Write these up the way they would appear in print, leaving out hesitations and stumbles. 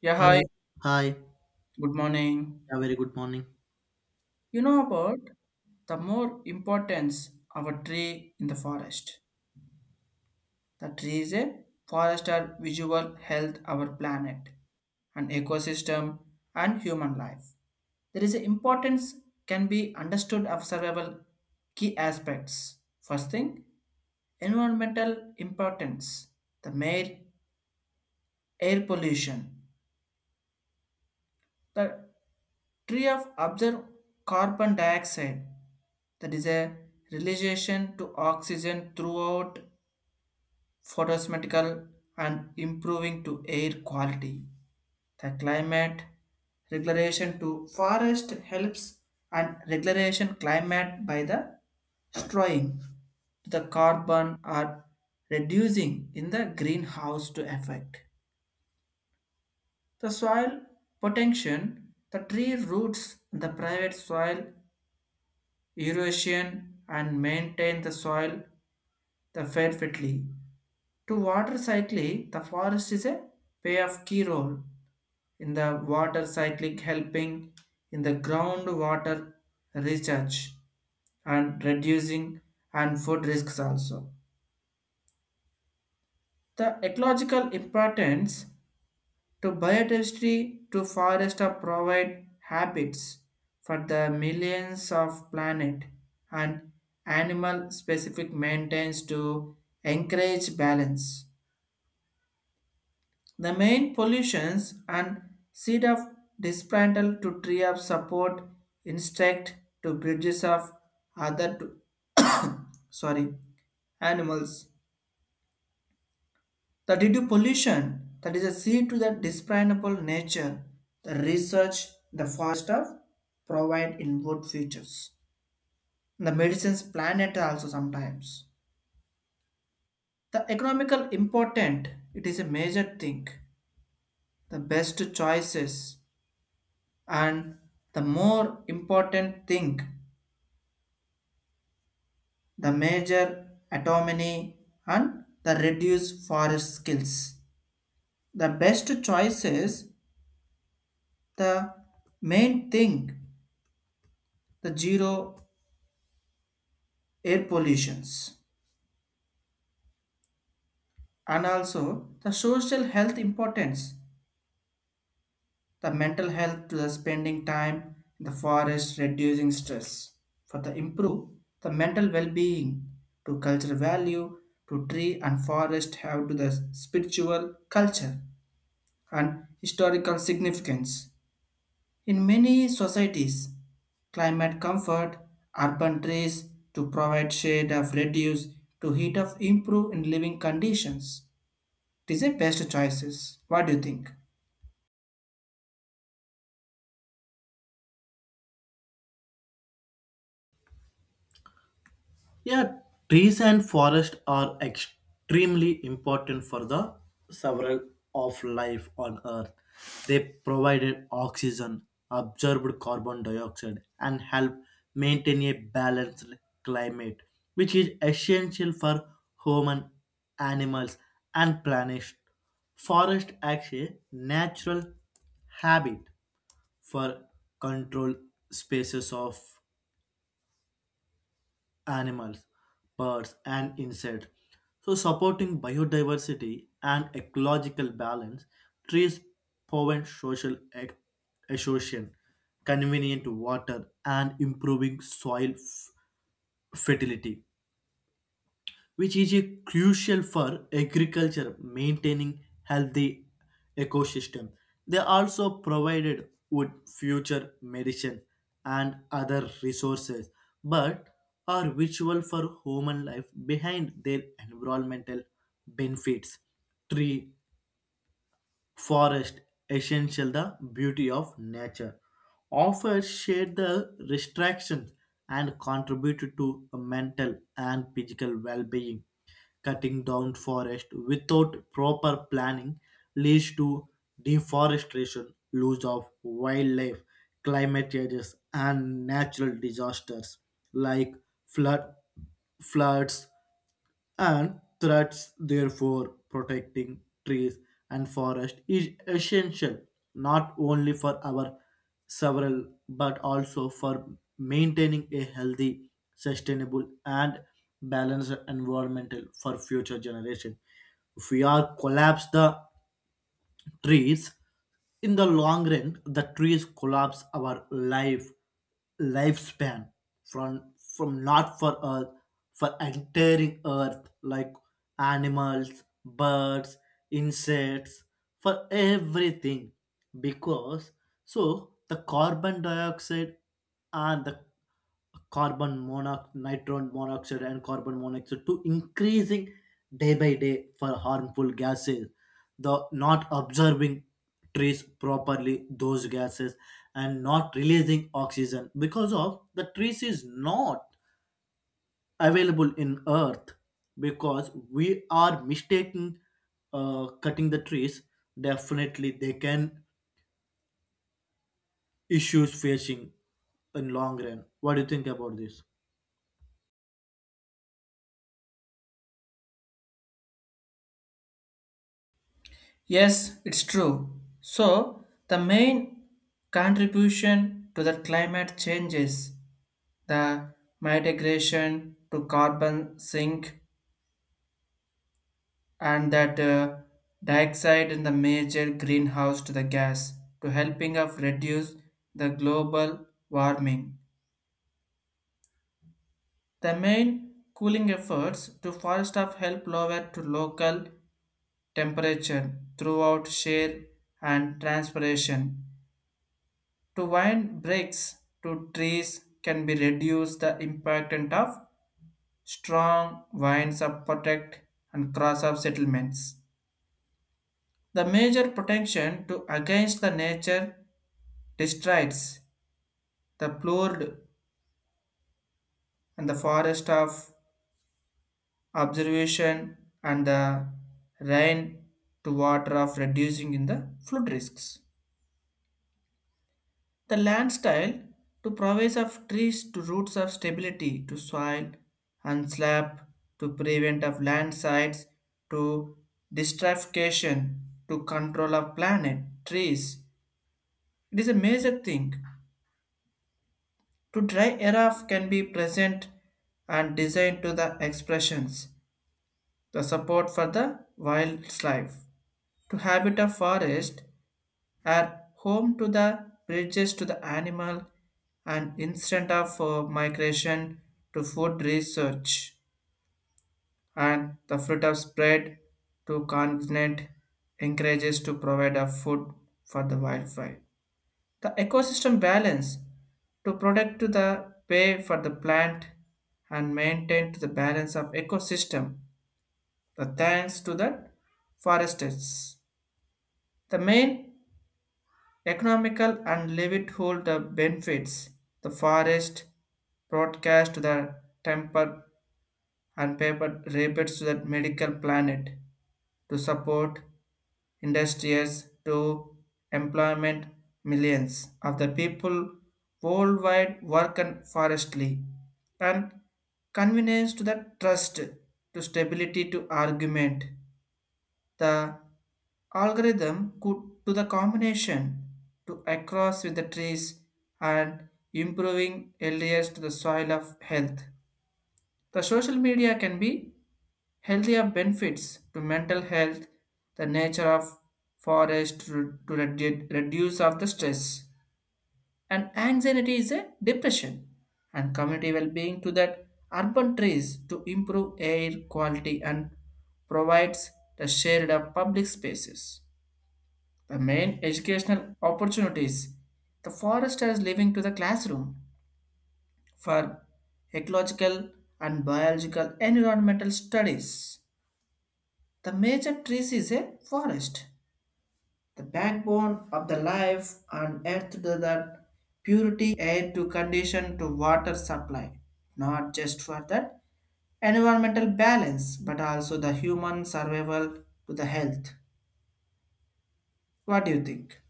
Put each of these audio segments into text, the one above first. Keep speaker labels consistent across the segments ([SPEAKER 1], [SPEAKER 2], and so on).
[SPEAKER 1] Yeah,
[SPEAKER 2] Hi.
[SPEAKER 1] hi.
[SPEAKER 2] Hi. Yeah,
[SPEAKER 1] Good morning.
[SPEAKER 2] very good morning.
[SPEAKER 1] You know about the more importance of a tree in the forest. The tree is a forest are visual health our planet, an ecosystem, and human life. There is an importance can be understood of several key aspects. First thing, environmental importance, the mere air pollution, the Tree of absorb carbon dioxide, that is a realization to oxygen throughout photosymmetrical and improving to air quality. The climate regulation to forest helps and regulation climate by the destroying the carbon are reducing in the greenhouse to effect. The soil potential, the tree roots, the private soil erosion and maintain the soil the fertility. To water cycling, the forest is a play of key role in the water cycling helping in the groundwater recharge and reducing and food risks also. The ecological importance. To biodiversity to forest are provide habits for the millions of planet and animal specific maintenance to encourage balance. The main pollutions and seed of dismantle to tree of support insect to bridges of other to sorry animals. The due to pollution that is a sea to the discernible nature, the research, the forest of provide in wood features. The medicines planet also sometimes. The economical important, it is a major thing. The best choices and the more important thing, the major autonomy and the reduced forest skills. The best choices, the main thing, the zero air pollutions, and also the social health importance, the mental health to the spending time in the forest reducing stress for the improve the mental well-being to cultural value to tree and forest have to the spiritual culture and historical significance in many societies, climate comfort, urban trees to provide shade of reduce to heat of improve in living conditions, these are best choices. What do you think?
[SPEAKER 2] Yeah, trees and forest are extremely important for the several of life on Earth. They provided oxygen, absorbed carbon dioxide, and help maintain a balanced climate, which is essential for human, animals, and planet. Forest acts a natural habit for control spaces of animals, birds, and insects. So, supporting biodiversity and ecological balance, trees prevent exhaustion, convenient water, and improving fertility, which is a crucial for agriculture maintaining healthy ecosystem. They also provided wood future medicine and other resources, but are virtual for human life behind their environmental benefits. Tree forest essential the beauty of nature offers shade the restrictions and contribute to a mental and physical well-being. Cutting down forest without proper planning leads to deforestation, loss of wildlife, climate changes, and natural disasters like flood floods and threats. Therefore, protecting trees and forest is essential not only for our several but also for maintaining a healthy, sustainable, and balanced environmental for future generation. If we are collapse the trees, in the long run the trees collapse our lifespan, from not for earth, for entering earth like animals, birds, insects, for everything. Because so the carbon dioxide and the carbon monoxide, nitrogen monoxide, and carbon monoxide to increasing day by day for harmful gases. The not observing trees properly those gases and not releasing oxygen because of the trees is not available in earth because we are mistaking cutting the trees, definitely they can issues facing in long run. What do you think about this?
[SPEAKER 1] Yes, it's true. So, the main contribution to the climate changes, the migration to carbon sink and that dioxide in the major greenhouse to the gas to helping of reduce the global warming. The main cooling efforts to forest of help lower to local temperature throughout share and transpiration. To wind breaks to trees can be reduced the impact of strong winds of protect and cross of settlements. The major protection to against the nature destroys the plured and the forest of observation and the rain to water of reducing in the flood risks. The land style to provides of trees to roots of stability to soil and slab to prevent of landslides to destratification to control of planet trees. It is a major thing. To dry era can be present and designed to the expressions. The support for the wildlife to habit of forest are home to the bridges to the animal and instant of migration to food research and the fruit of spread to continent encourages to provide a food for the wildlife. The ecosystem balance to protect to the pay for the plant and maintain to the balance of ecosystem. The thanks to the foresters. The main economical and Levitt hold the benefits. The forest broadcast to the temper and paper rapids to the medical planet to support industries to employment millions of the people worldwide work and forestly and convenience to the trust to stability to argument the algorithm could to the combination to across with the trees and improving areas to the soil of health. The social media can be healthier benefits to mental health, the nature of forest to reduce of the stress and anxiety is a depression and community well-being to that urban trees to improve air quality and provides the shared of public spaces, the main educational opportunities, the forest is living to the classroom for ecological and biological environmental studies. The major trees is a forest, the backbone of the life on earth to the purity air to condition to water supply, not just for that environmental balance but also the human survival to the health. What do you think?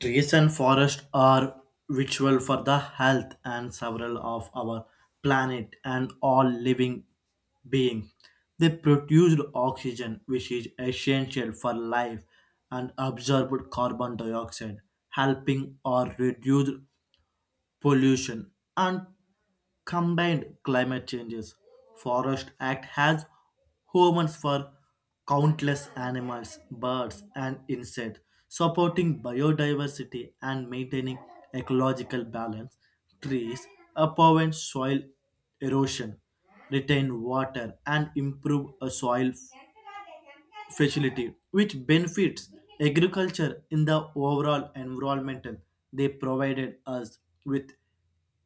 [SPEAKER 2] Trees and forests are vital for the health and several of our planet and all living beings. They produce oxygen, which is essential for life, and absorb carbon dioxide, helping or reduce pollution, and combined climate changes. Forest Act has homes for countless animals, birds, and insects, supporting biodiversity and maintaining ecological balance. Trees prevent soil erosion, retain water, and improve a soil facility, which benefits agriculture in the overall environmental. They provided us with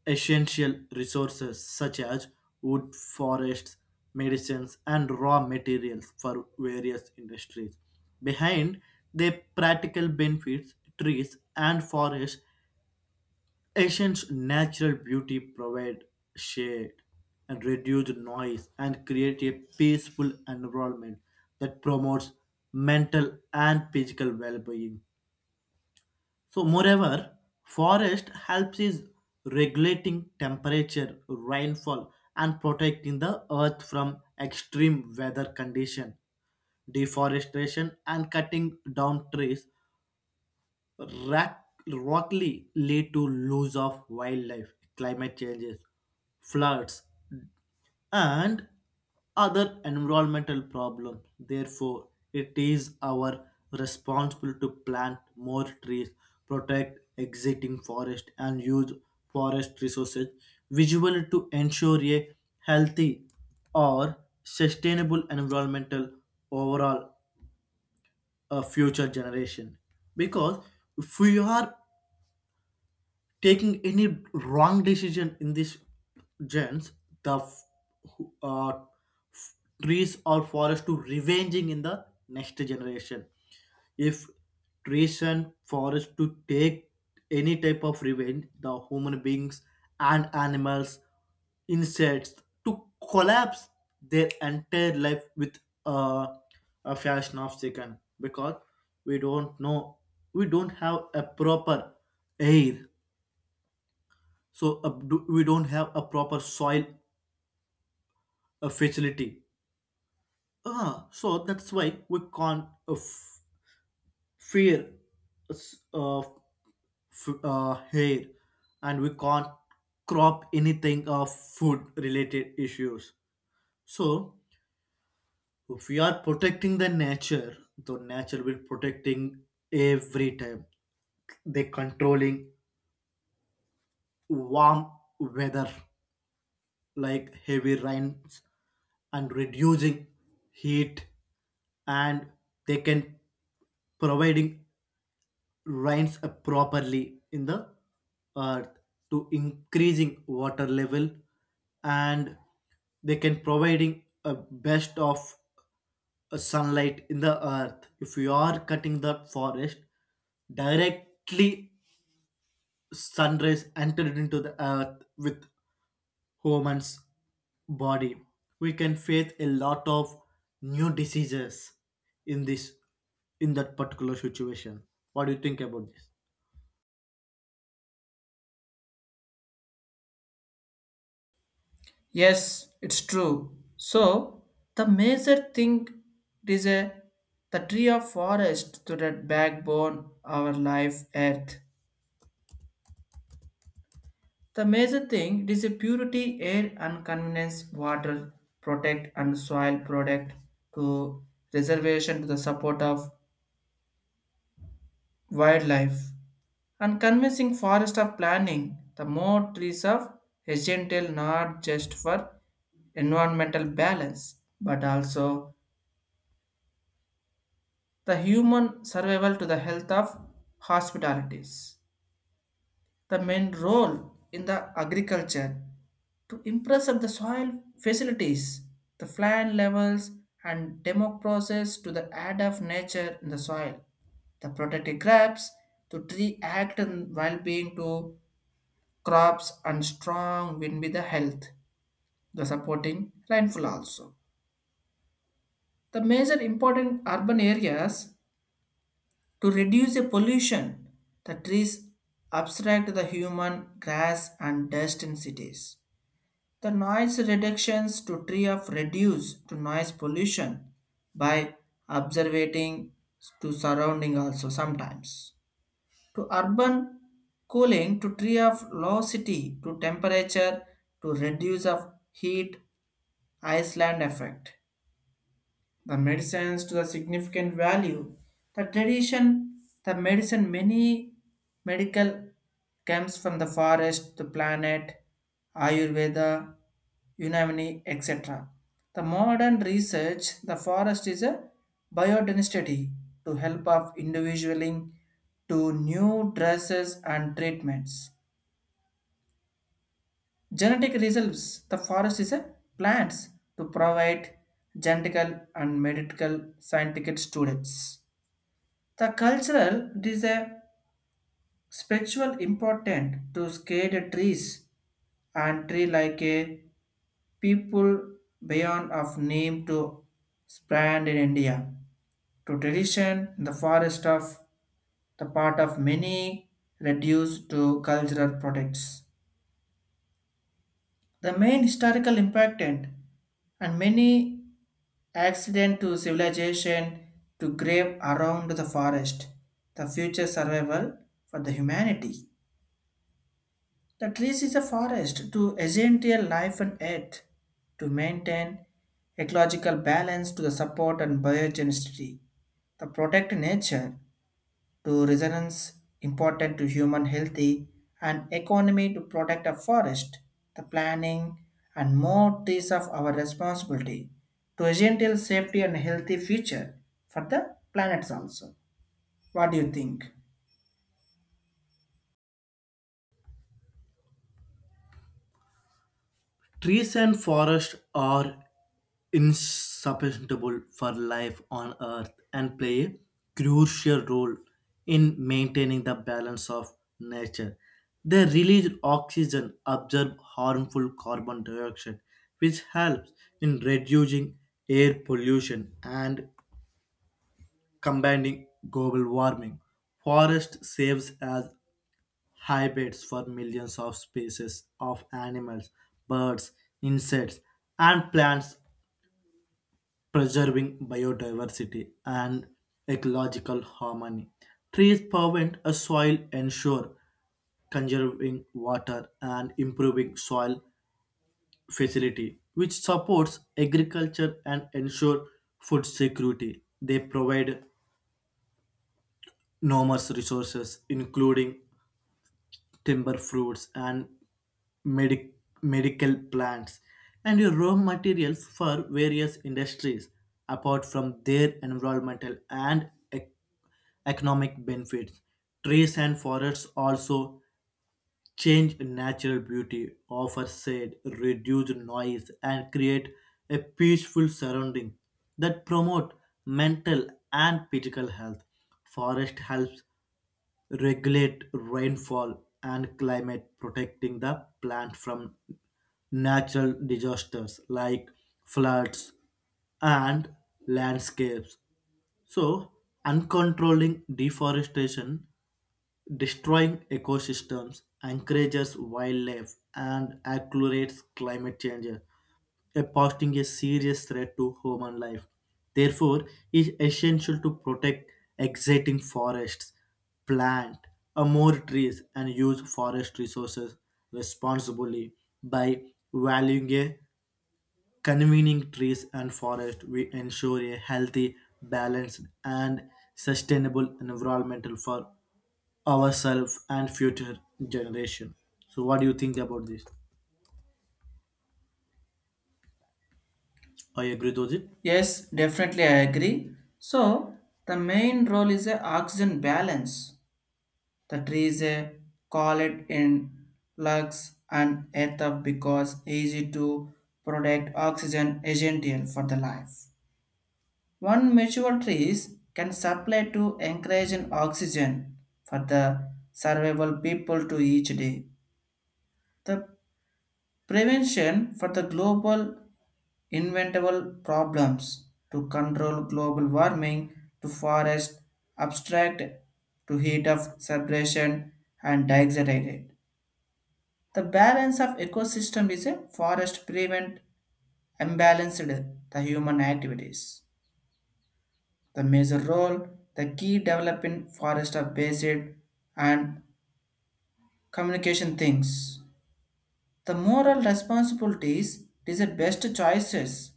[SPEAKER 2] essential resources such as wood, forests, medicines, and raw materials for various industries. Behind the practical benefits, trees and forests Asians' natural beauty provide shade and reduce noise and create a peaceful environment that promotes mental and physical well-being. So moreover, forest helps is regulating temperature, rainfall and protecting the earth from extreme weather condition. Deforestation and cutting down trees Rack, Rockley led to loss of wildlife, climate changes, floods, and other environmental problems. Therefore, it is our responsibility to plant more trees, protect existing forest, and use forest resources visually to ensure a healthy or sustainable environmental overall a future generation. Because if we are taking any wrong decision in this gens, the f- who- f- trees or forest to revenging in the next generation, if trees and forest to take any type of revenge, the human beings and animals, insects to collapse their entire life with uh, a fashion of second. Because we don't know we don't have a proper air, so we don't have a proper soil facility. Ah, so that's why we can't f- fear uh, hair, and we can't crop anything of food related issues. So if we are protecting the nature, the nature will protecting every time. They controlling warm weather like heavy rains and reducing heat, and they can providing rains properly in the earth to increasing water level, and they can providing a best of sunlight in the earth. If you are cutting the forest, directly sunrise entered into the earth with Humans' body. We can face a lot of new diseases in this in that particular situation. What do you think about this?
[SPEAKER 1] Yes, it's true. So the major thing is a the tree of forest to the backbone our life earth. The major thing is a purity, air and convenience, water, protect and soil product to reservation to the support of wildlife and convincing forest of planning the more trees of essential not just for environmental balance but also the human survival to the health of hospitalities. The main role in the agriculture to impress of the soil facilities, the plant levels, and demo process to the add of nature in the soil. The protective crops to tree act and well-being to crops and strong win with the health, the supporting rainfall also. The major important urban areas to reduce the pollution, the trees abstract the human grass and dust in cities. The noise reductions to tree of reduce to noise pollution by observating to surrounding also sometimes. To urban cooling to tree of low city to temperature to reduce of heat island effect, the medicines to the significant value. The tradition, the medicine, many medical comes from the forest, the planet, Ayurveda, Unamini, etc. The modern research, the forest is a biodensity to help of individualing to new dresses and treatments. Genetic reserves. The forest is a plants to provide genetical and medical scientific students. The cultural it is a spiritual important to scale the trees and tree like a people beyond of name to spread in India. To tradition, the forest of the part of many reduced to cultural products. The main historical important and many accident to civilization to grave around the forest, the future survival for the humanity. The trees is a forest to essential life on earth, to maintain ecological balance to the support and biogenicity, the protect nature to resonance important to human healthy and economy to protect a forest, the planning and more trees of our responsibility to ensure safety and healthy future for the planets also. What do you think?
[SPEAKER 2] Trees and forests are insubstantial for life on earth and play a crucial role in maintaining the balance of nature. They release oxygen, absorb harmful carbon dioxide, which helps in reducing air pollution and combating global warming. Forest serves as habitats for millions of species of animals, birds, insects, and plants, preserving biodiversity and ecological harmony. Trees prevent a soil ensure conserving water and improving soil facility, which supports agriculture and ensure food security. They provide numerous resources, including timber fruits and medic- medical plants and your raw materials for various industries, apart from their environmental and economic benefits. Trees and forests also change natural beauty, offer shade, reduce noise and create a peaceful surrounding that promote mental and physical health. Forest helps regulate rainfall and climate, protecting the plant from natural disasters like floods and landscapes. So, uncontrolling deforestation destroying ecosystems, encourages wildlife, and accelerates climate change, posing a serious threat to human life. Therefore, it is essential to protect existing forests, plant more trees, and use forest resources responsibly. By valuing a convening trees and forest, we ensure a healthy, balanced, and sustainable environmental for ourselves and future generation. So, what do you think about this? I agree with it.
[SPEAKER 1] Yes, definitely I agree. So the main role is a oxygen balance. The trees call it in lungs and earth of because easy to product oxygen essential for the life. One mature trees can supply to encourage an oxygen for the survival people to each day. The prevention for the global inventable problems to control global warming to forest abstract to heat of separation and dioxide. The balance of ecosystem is a forest prevent imbalanced the human activities. The major role, the key developing forest are based and communication things. The moral responsibilities is the best choices.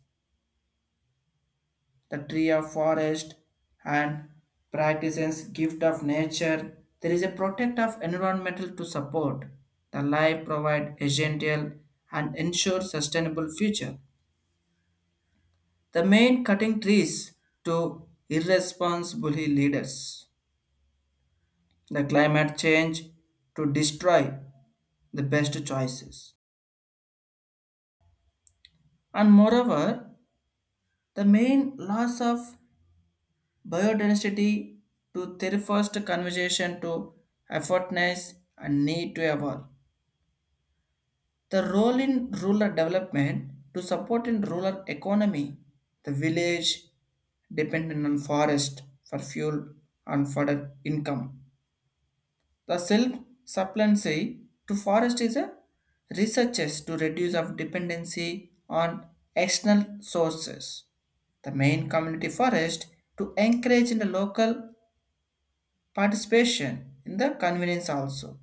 [SPEAKER 1] The tree of forest and practices gift of nature. There is a protect of environmental to support. The life provide essential and ensure sustainable future. The main cutting trees to irresponsible leaders. The climate change to destroy the best choices. And moreover, the main loss of biodiversity to their first conversation to effortness and need to evolve. The role in rural development to support in rural economy, the village dependent on forest for fuel and further income. The silk supplancy to forest is a researches to reduce of dependency on external sources. The main community forest to encourage in the local participation in the convenience also.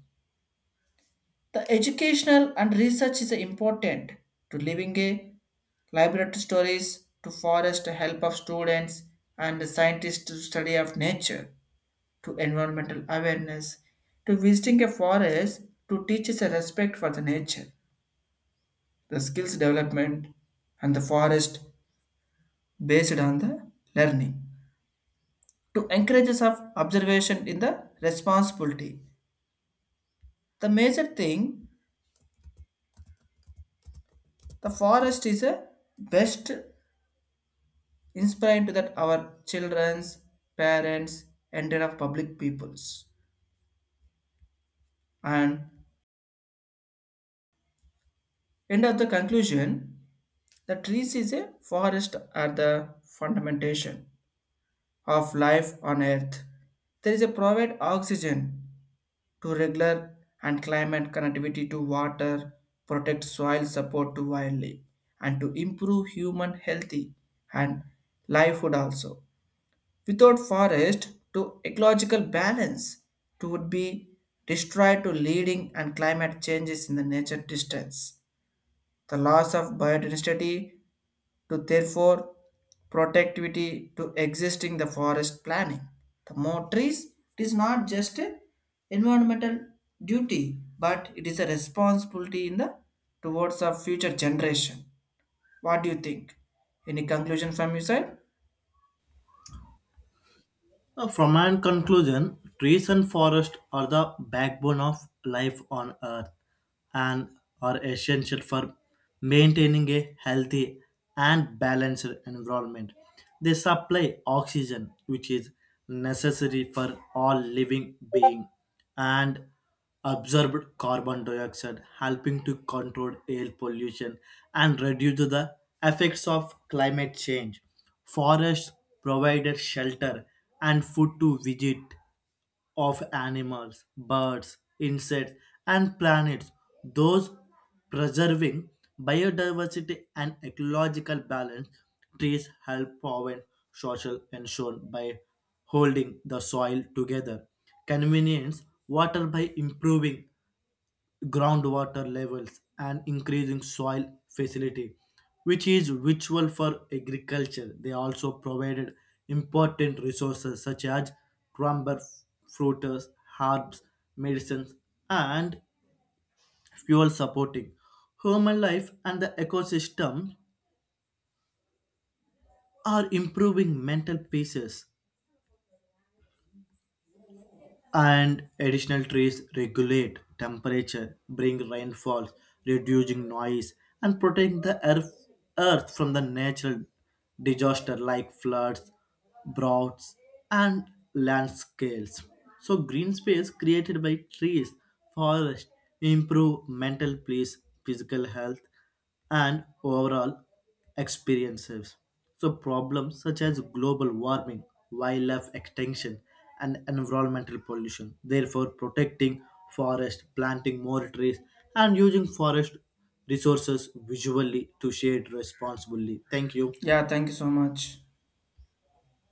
[SPEAKER 1] The educational and research is important to living a library stories to forest help of students and scientists to study of nature, to environmental awareness, to visiting a forest to teach us a respect for the nature, the skills development, and the forest based on the learning. To encourage us of observation in the responsibility. The major thing, the forest is a best inspiring to that our children's, parents, and their of public peoples. And end of the conclusion, the trees is a forest are the fundamentation of life on Earth. There is a provide oxygen to regular and climate connectivity to water, protect soil support to wildlife, and to improve human healthy and livelihood also. Without forest, to ecological balance to would be destroyed to leading and climate changes in the nature distance. The loss of biodiversity to therefore productivity to existing the forest planning. The more trees, it is not just a environmental duty, but it is a responsibility in the towards our future generation. What do you think? Any conclusion from your side?
[SPEAKER 2] From my conclusion, trees and forests are the backbone of life on Earth and are essential for maintaining a healthy and balanced environment. They supply oxygen, which is necessary for all living beings, and absorbed carbon dioxide, helping to control air pollution and reduce the effects of climate change. Forests provided shelter and food to visit of animals, birds, insects, and planets, those preserving biodiversity and ecological balance. Trees help prevent social erosion by holding the soil together, convenience water by improving groundwater levels and increasing soil facility, which is vital for agriculture. They also provided important resources such as timber, fruits, herbs, medicines, and fuel supporting human life and the ecosystem are improving mental pieces, and additional trees regulate temperature, bring rainfalls, reducing noise, and protect earth from the natural disaster like floods, droughts, and landscapes. So, green space created by trees, forests, improve mental peace, physical health, and overall experiences. So, problems such as global warming, wildlife extinction, and environmental pollution. Therefore, protecting forest, planting more trees, and using forest resources visually to shade responsibly. Thank you.
[SPEAKER 1] Yeah, thank you so much.